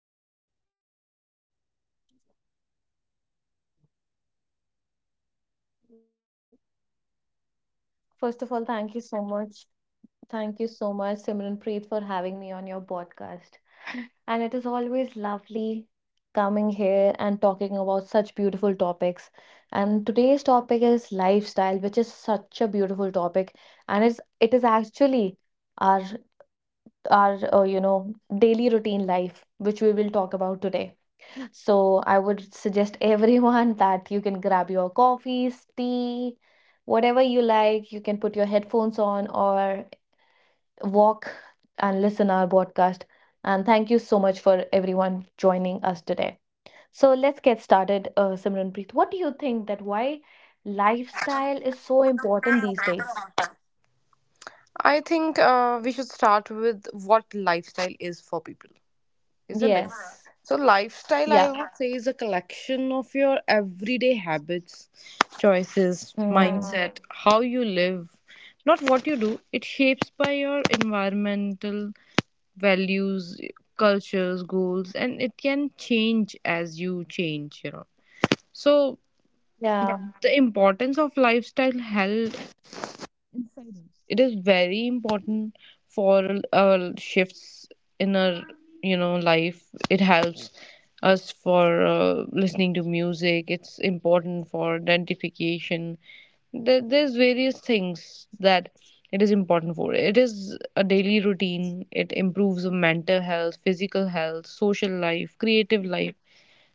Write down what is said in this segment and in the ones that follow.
some thoughts on this topic, and we will discuss on this topic with you guys. Over to you, First of Love. all, thank you so much. Thank you so much, Simran Preet, for having me on your podcast. And it is always lovely coming here and talking about such beautiful topics. And today's topic is lifestyle, which is such a beautiful topic. And it is actually our our daily routine life, which we will talk about today. So I would suggest everyone that you can grab your coffees, tea, whatever you like. You can put your headphones on or walk and listen our podcast. And thank you so much for everyone joining us today. So let's get started, Simran Preet. What do you think that why lifestyle is so important these days? I think we should start with what lifestyle is for people, isn't it? Yes. So, lifestyle, I Yeah. would say, is a collection of your everyday habits, choices, Mm. mindset, how you live, not what you do. It shapes by your environmental values, cultures, goals, and it can change as you change, you know. So, Yeah. the importance of lifestyle health, it is very important for shifts in our, you know, life. It helps us for, listening to music. It's important for identification. There's various things that it is important for. It is a daily routine. It improves our mental health, physical health, social life, creative life.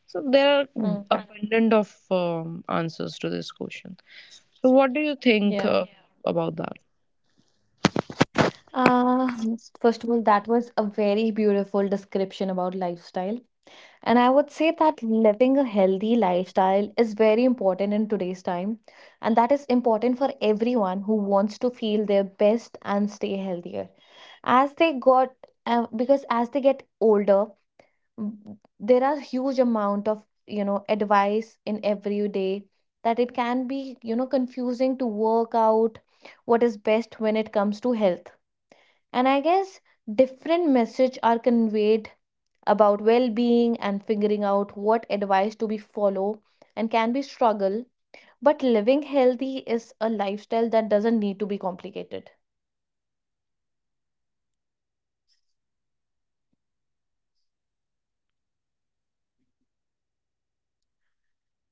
So there are Mm. abundant of answers to this question. So what do you think, Yeah. About that? Uh, first of all, that was a very beautiful description about lifestyle. And I would say that living a healthy lifestyle is very important in today's time. And that is important for everyone who wants to feel their best and stay healthier. As they got, because as they get older, there are huge amount of, you know, advice in every day that it can be, you know, confusing to work out what is best when it comes to health. And I guess different message are conveyed about well-being and figuring out what advice to be follow and can be struggle. But living healthy is a lifestyle that doesn't need to be complicated.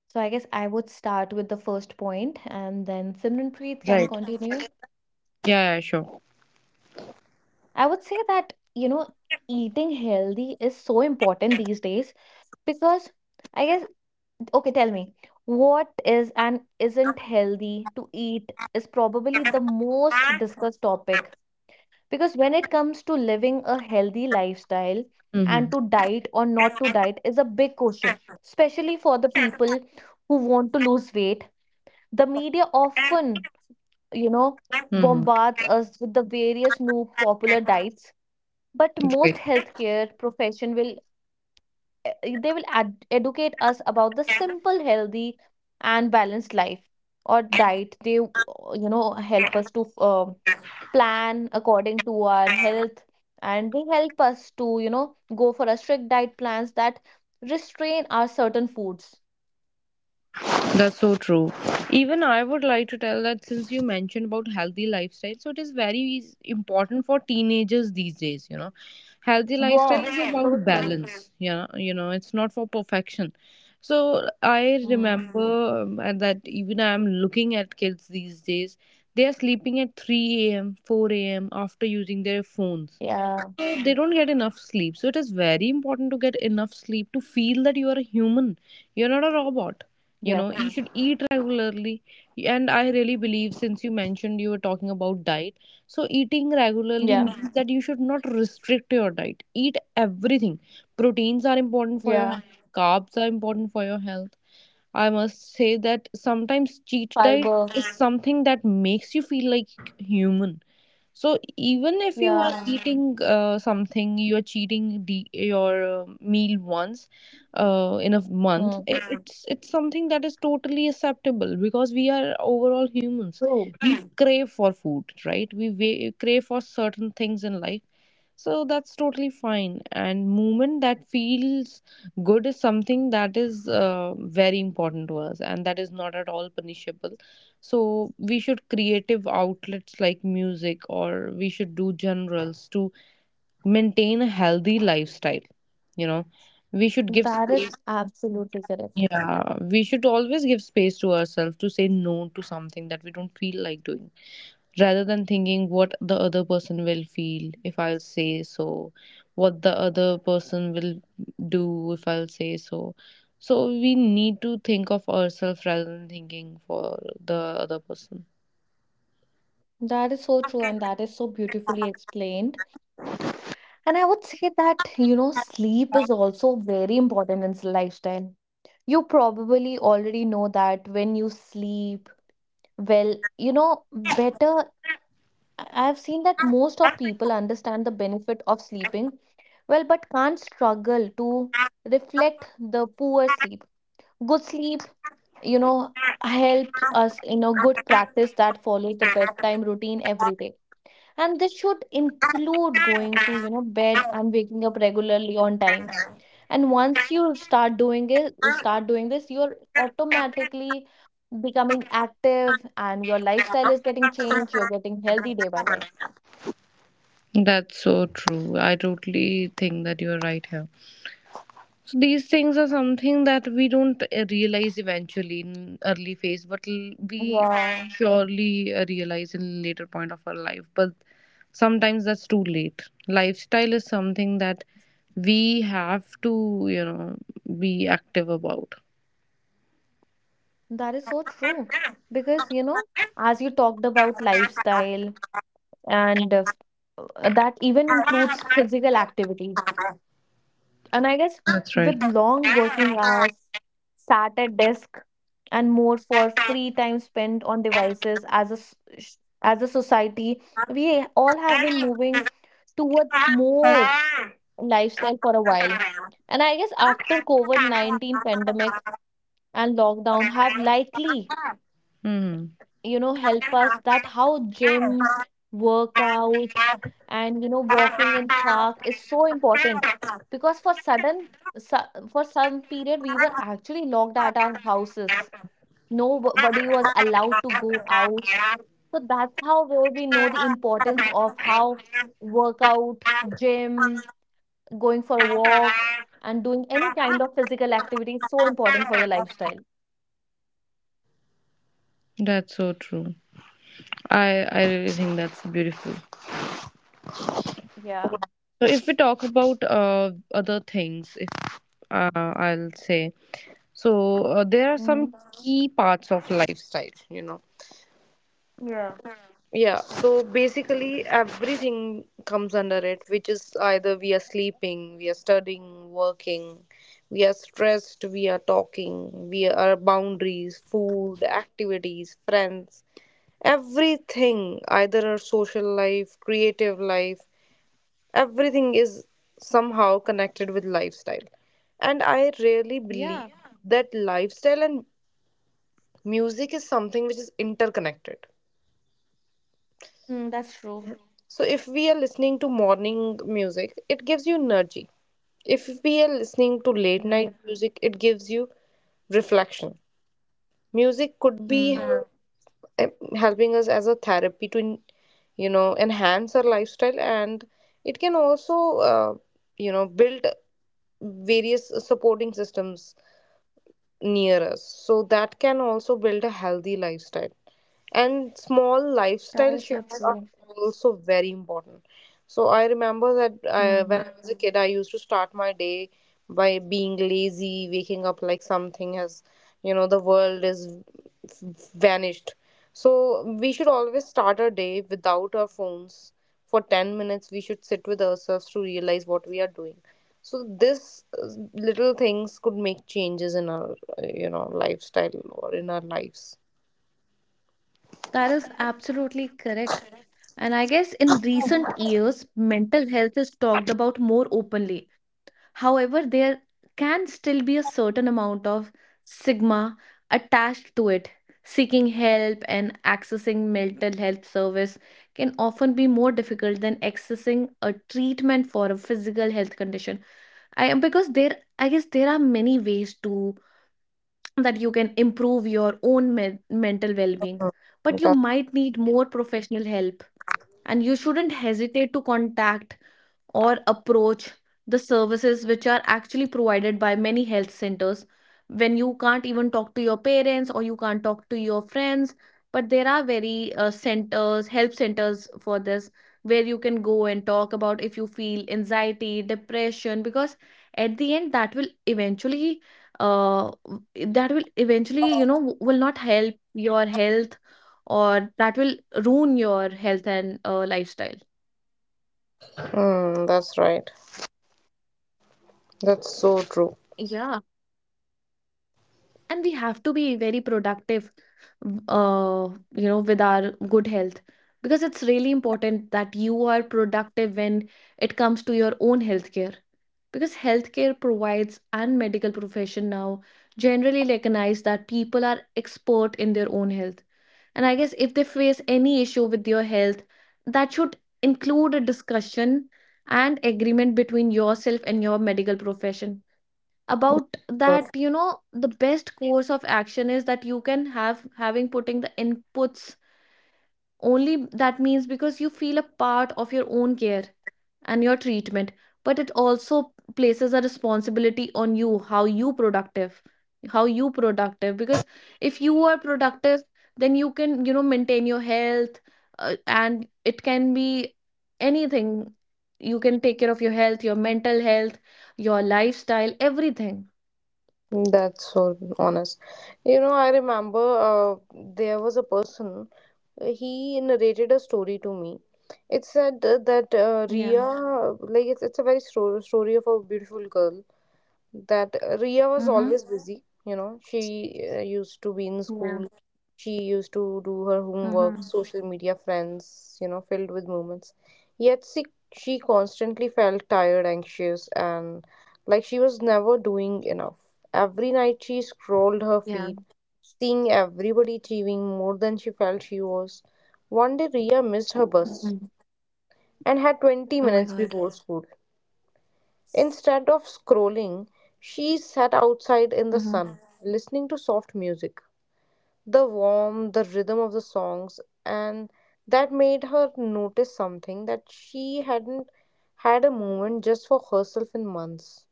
So I guess I would start with the first point and then Simranpreet can Right. continue. Yeah, yeah, sure. I would say that, you know, eating healthy is so important these days because I guess, okay, tell me, what is and isn't healthy to eat is probably the most discussed topic, because when it comes to living a healthy lifestyle and Mm-hmm. to diet or not to diet is a big question, especially for the people who want to lose weight. The media often, you know, Mm-hmm. bombards us with the various new popular diets, but most healthcare profession will they will educate us about the simple healthy and balanced life or diet. They you know help us to plan according to our Great. health, and they help us to, you know, go for a strict diet plans that restrain our certain foods. That's so true. Even I would like to tell that since you mentioned about healthy lifestyle, so it is very important for teenagers these days, you know. Healthy lifestyle Yes, is so about true. balance, yeah, you know, it's not for perfection. So I Mm. remember, and that even I'm looking at kids these days, they are sleeping at 3 a.m., 4 a.m. after using their phones, Yeah, so they don't get enough sleep. So it is very important to get enough sleep to feel that you are a human. You're not a robot. You yeah, know, you should eat regularly. And I really believe, since you mentioned you were talking about diet, so eating regularly yeah, means that you should not restrict your diet. Eat everything. Proteins are important for your yeah. health, carbs are important for your health. I must say that sometimes cheat diet Fiber. is something that makes you feel like human. So even if you are Yeah. eating something, you are cheating your meal once in a month. Mm. It's something that is totally acceptable because we are overall humans. True. We crave for food, right? Crave for certain things in life, so that's totally fine. And movement that feels good is something that is, very important to us, and that is not at all punishable. So we should creative outlets like music, or we should do generals to maintain a healthy lifestyle. You know, we should give That is space. absolutely correct. Yeah, we should always give space to ourselves to say no to something that we don't feel like doing, rather than thinking what the other person will feel if I'll say so, what the other person will do if I'll say so. So we need to think of ourselves rather than thinking for the other person. That is so true, and that is so beautifully explained. And I would say that, you know, sleep is also very important in lifestyle. You probably already know that when you sleep well, you know, better. I've seen that most of people understand the benefit of sleeping well, but can't struggle to reflect the poor sleep. Good sleep, you know, helps us in a good practice that follows the bedtime routine every day. And this should include going to, you know, bed and waking up regularly on time, and once you start doing this, you're automatically becoming active and your lifestyle is getting changed, you're getting healthy day by day. That's so true. I totally think that you're right here. So these things are something that we don't realize eventually in early phase, but we Yeah, surely realize in later point of our life. But sometimes that's too late. Lifestyle is something that we have to, you know, be active about. that is so true, because you know as you talked about lifestyle and that even includes physical activity. And I guess That's right. with long working hours, sat at desk, and more for free time spent on devices as a as a society, we all have been moving towards more lifestyle for a while. And I guess after COVID-19 pandemic and lockdown have likely, you know, help us that how gym workout and, you know, walking in park is so important, because for sudden for some period we were actually locked at our houses, nobody was allowed to Hmm. go out. So that's how where we know the importance of how workout, gym, going for a walk, and doing any kind of physical activity is so important for your lifestyle. That's so true. I really think that's beautiful. Yeah. So if we talk about other things, if I'll say, so there are some Mhm. key parts of lifestyle. You know. Yeah. Yeah, so basically everything comes under it, which is either we are sleeping, we are studying, working, we are stressed, we are talking, we are boundaries, food, activities, friends, everything, either our social life, creative life, everything is somehow connected with lifestyle. And I really Yeah. believe that lifestyle and music is something which is interconnected. Mm, that's true. So if we are listening to morning music, it gives you energy. If we are listening to late Yeah. night music, it gives you reflection. Music could be Mm. help, em- helping us as a therapy to, you know, enhance our lifestyle, and it can also, you know, build various supporting systems near us. So that can also build a healthy lifestyle, and small That lifestyle is so shifts are true. also very important. So I remember that when Mm. I was a kid, I used to start my day by being lazy, waking up like something has, you know, the world is vanished. So we should always start our day without our phones. For 10 minutes we should sit with ourselves to realize what we are doing. So this, little things could make changes in our, you know, lifestyle or in our lives. That is absolutely correct. And I guess in recent years, mental health is talked about more openly. However, there can still be a certain amount of stigma attached to it. Seeking help and accessing mental health service can often be more difficult than accessing a treatment for a physical health condition. I guess there are many ways to that you can improve your own mental well-being, but you might need more professional help, and you shouldn't hesitate to contact or approach the services which are actually provided by many health centers when you can't even talk to your parents or you can't talk to your friends. But there are very centers, help centers for this, where you can go and talk about if you feel anxiety, depression, because at the end that will eventually uh that will eventually, you know, will not help your health, or that will ruin your health and lifestyle. Mm, that's right. That's so true. Yeah. And we have to be very productive uh you know with our good health, because it's really important that you are productive when it comes to your own healthcare. Because healthcare provides and medical profession now generally recognize that people are expert in their own health, and I guess if they face any issue with your health, that should include a discussion and agreement between yourself and your medical profession about that, you know, the best course of action is that you can have having putting the inputs only. That means because you feel a part of your own care and your treatment, but it also places a responsibility on you how you productive, how you productive. Because if you are productive, then you can, you know, maintain your health, and it can be anything. You can take care of your health, your mental health, your lifestyle, everything. That's so honest. You know, I remember, uh, there was a person, he narrated a story to me. It said that, Yeah. Ria, like, it's a very stro story of a beautiful girl, that Ria was Mhm. always busy. You know, she used to be in Yeah. school. She used to do her homework, Mhm. social media, friends, you know, filled with moments. Yet she, she constantly felt tired, anxious, and like she was never doing enough. Every night she scrolled her Yeah. feed, seeing everybody achieving more than she felt she was. One day Ria missed her bus Mm. and had 20 Oh my minutes god. before school. Instead of scrolling, she sat outside in the Mhm. sun, listening to soft music, It's like. the warmth, the rhythm of the songs, and that made her notice something that she hadn't had a moment just for herself in months.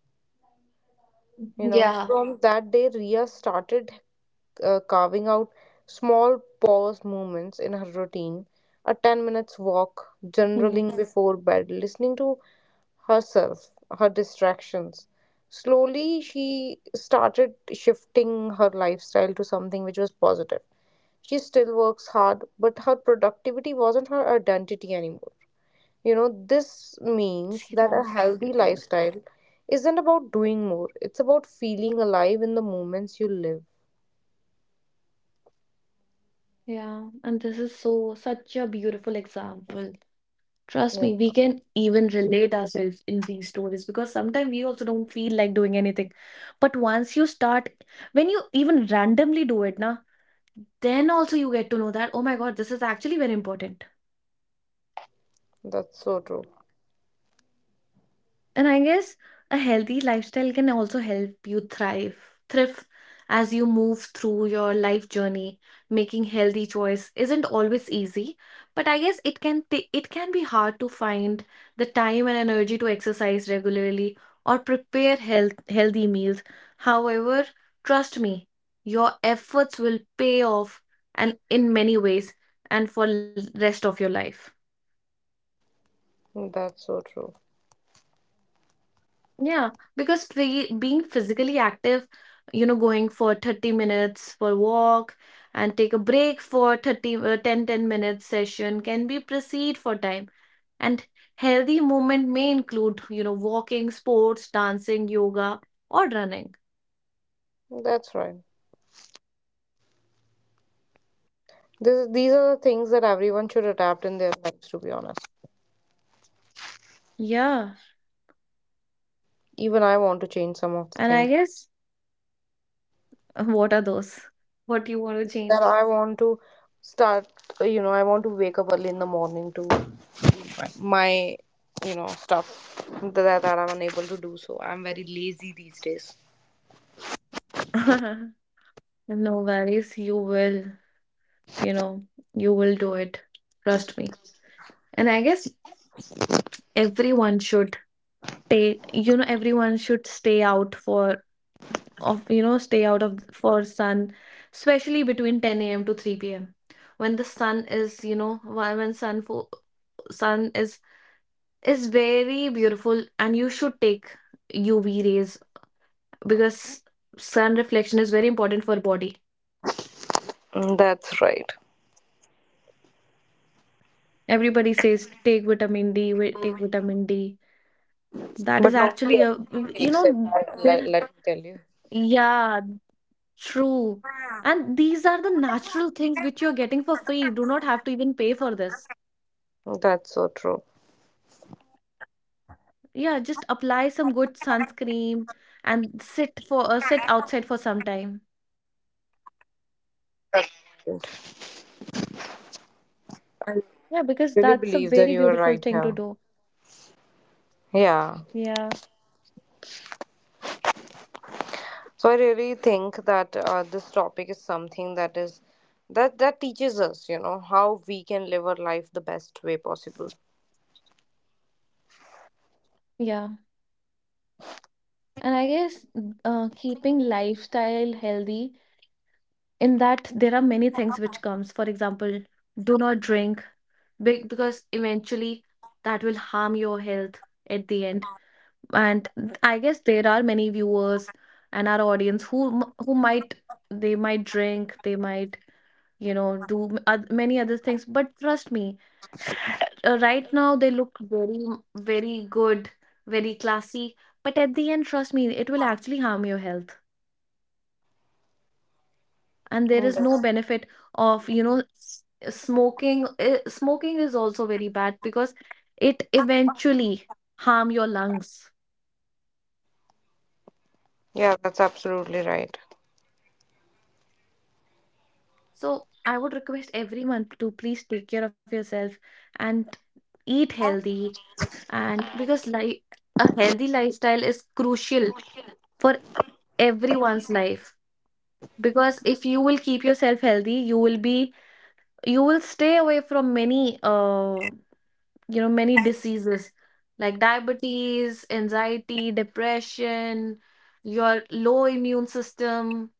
You know, Yeah. from that day, Ria started carving out small pause moments in her routine, a 10 minutes walk, Mm. journaling before bed, listening to herself, her distractions. Slowly, she started shifting her lifestyle to something which was positive. She still works hard, but her productivity wasn't her identity anymore. You know, this means See, that a that's healthy beautiful. lifestyle isn't about doing more, it's about feeling alive in the moments you live. Yeah. And this is so such a beautiful example. Trust Yeah, me, we can even relate ourselves in these stories, because sometimes we also don't feel like doing anything. But once you start, when you even randomly do it, na, then also you get to know that, oh my God, this is actually very important. that's so true. And I guess a healthy lifestyle can also help you thrive, thrive as you move through your life journey. Making healthy choice isn't always easy, but I guess it can it can be hard to find the time and energy to exercise regularly or prepare healthy meals. However, trust me, your efforts will pay off and in many ways and for rest of your life. That's so true. Yeah, because being physically active, you know, going for 30 minutes for walk and take a break for 30 uh, 10 minutes session can be proceed for time. And healthy movement may include, you know, walking, sports, dancing, yoga, or running. That's right. These are the things that everyone should adapt in their lives, to be honest. Yeah, Even I want to change some of the and I things. guess what are those? What do you want to That change? I want to start, you know, I want to wake up early in the morning to my, you know, stuff that I'm unable to do. So I'm very lazy these days. No worries, you will, you know, you will do it. Trust me. And I guess everyone should stay you know everyone should stay out of for sun, especially between 10 a.m. to 3 p.m., when the sun is, you know, sun is very beautiful, and you should take UV rays, because sun reflection is very important for body. Mm, that's right. Everybody says take vitamin D, take vitamin D. That is But actually nobody a, actually you takes it, know, there. let me tell you. Yeah. True. And these are the natural things which you're getting for free. Do not have to even pay for this. That's so true. Yeah, just apply some good sunscreen and sit for sit outside for some time. Yeah, because Really that's a believe that very you are beautiful right thing to here. do. Yeah. Yeah. So I really think that this topic is something that is that teaches us, you know, how we can live our life the best way possible. Yeah. And I guess keeping lifestyle healthy, in that there are many things which comes. For example, do not drink, because eventually that will harm your health at the end. And I guess there are many viewers and our audience who who might, they might drink, they might, you know, do many other things, but trust me, uh, right now they look very very good, very classy, but at the end trust me it will actually harm your health and there is no That's- benefit of, you know, smoking. Smoking is also very bad because it eventually harm your lungs. Yeah, that's absolutely right. So I would request everyone to please take care of yourself and eat healthy. And because life, a healthy lifestyle is crucial for everyone's life. Because if you will keep yourself healthy, you will be, you will stay away from many you know many diseases like diabetes, anxiety, depression, your low immune system.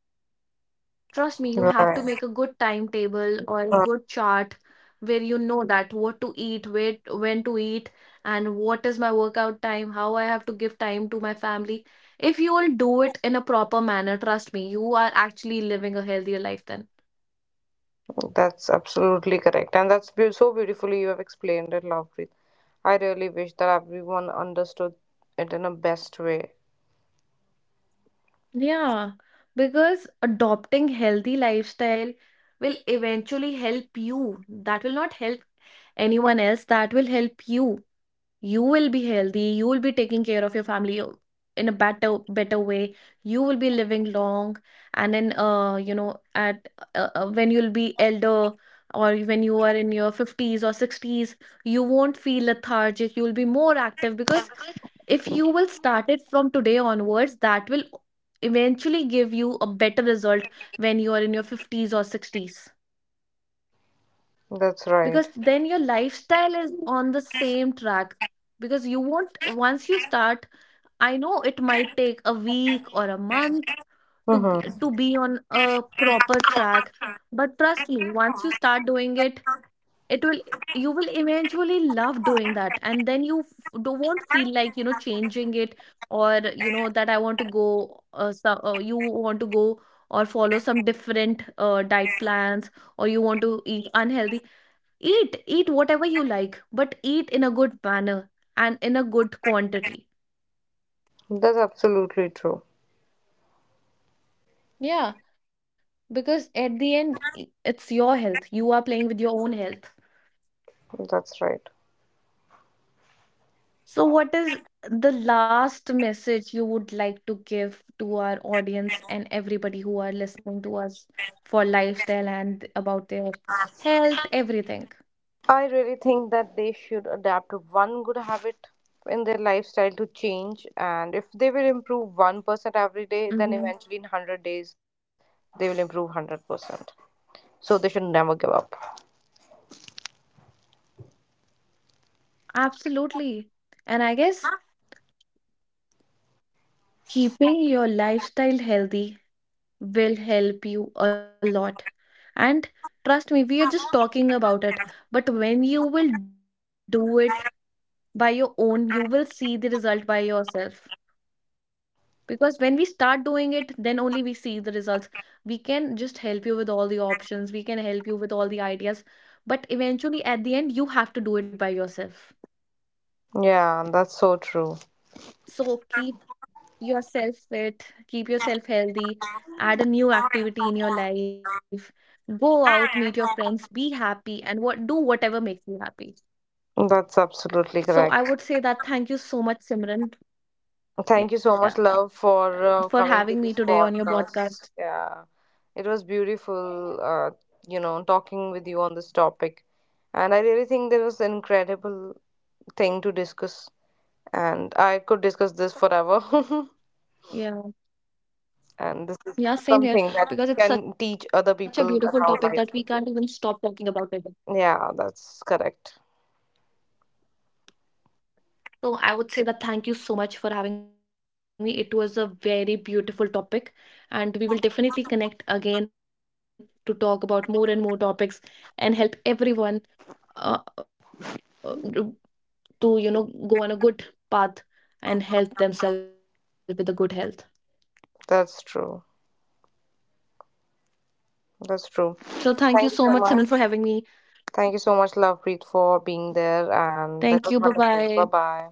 Trust me, you have to Right. make a good timetable or a Uh, good chart where you know that what to eat, where, when to eat, and what is my workout time, how I have to give time to my family. If you will do it in a proper manner, trust me, you are actually living a healthier life then. that's absolutely correct. And that's so beautifully you have explained it, Lovepreet. I really wish that everyone understood it in a best way. Yeah, because adopting healthy lifestyle will eventually help you. That will not help anyone else, that will help you. You will be healthy, you will be taking care of your family in a better way, you will be living long, and then you know at when you'll be elder or when you are in your 50s or 60s, you won't feel lethargic, you will be more active. Because if you will start it from today onwards, that will eventually give you a better result when you are in your 50s or 60s, That's right. because then your lifestyle is on the same track. Because you won't, once you start, I know it might take a week or a month to Mm-hmm. to be on a proper track, but trust me, once you start doing it, it will, you will eventually love doing that, and then you won't feel like, you know, changing it, or you know that I want to go, you want to go, or follow some different diet plans, or you want to eat unhealthy. Eat eat whatever you like, but eat in a good manner and in a good quantity. That's absolutely true. Yeah, because at the end, it's your health, you are playing with your own health. That's right. So what is the last message you would like to give to our audience and everybody who are listening to us for lifestyle and about their health, everything? I really think that they should adapt to one good habit in their lifestyle to change. And if they will improve 1% every Hmm. day, then eventually in 100 days, they will improve 100%. So they should never give up. Absolutely. And I guess keeping your lifestyle healthy will help you a lot. And trust me, we are just talking about it, but when you will do it by your own, you will see the result by yourself. Because when we start doing it, then only we see the results. We can just help you with all the options, we can help you with all the ideas, but eventually at the end you have to do it by yourself. Yeah, that's so true. So keep yourself fit, keep yourself healthy, add a new activity in your life, go out, meet your friends, be happy, and what do whatever makes you happy. So That's I would say absolutely that thank you correct. so much, Simran, yeah, Thank you so much, for love, having me for today on your coming to this podcast. podcast. Yeah, it was beautiful, you know, talking with you on this topic. And I really think there was an incredible thing to discuss. And I could discuss this forever. Yeah. Yeah, And this same is here, something because that it's such a can beautiful teach topic other that we people can't even about stop life. talking about it. Yeah, that's correct. So I would say that thank you so much for having me. It was a very beautiful topic, and we will definitely connect again to talk about more and more topics and help everyone uh, uh, to you know go on a good path and help themselves with a good health. That's true. So thank you That's so true. much, Simran, for Thank you having so me. much. Thank you so much, Lovepreet, for being Thank you. Bye there. bye. And that was wonderful. Bye bye.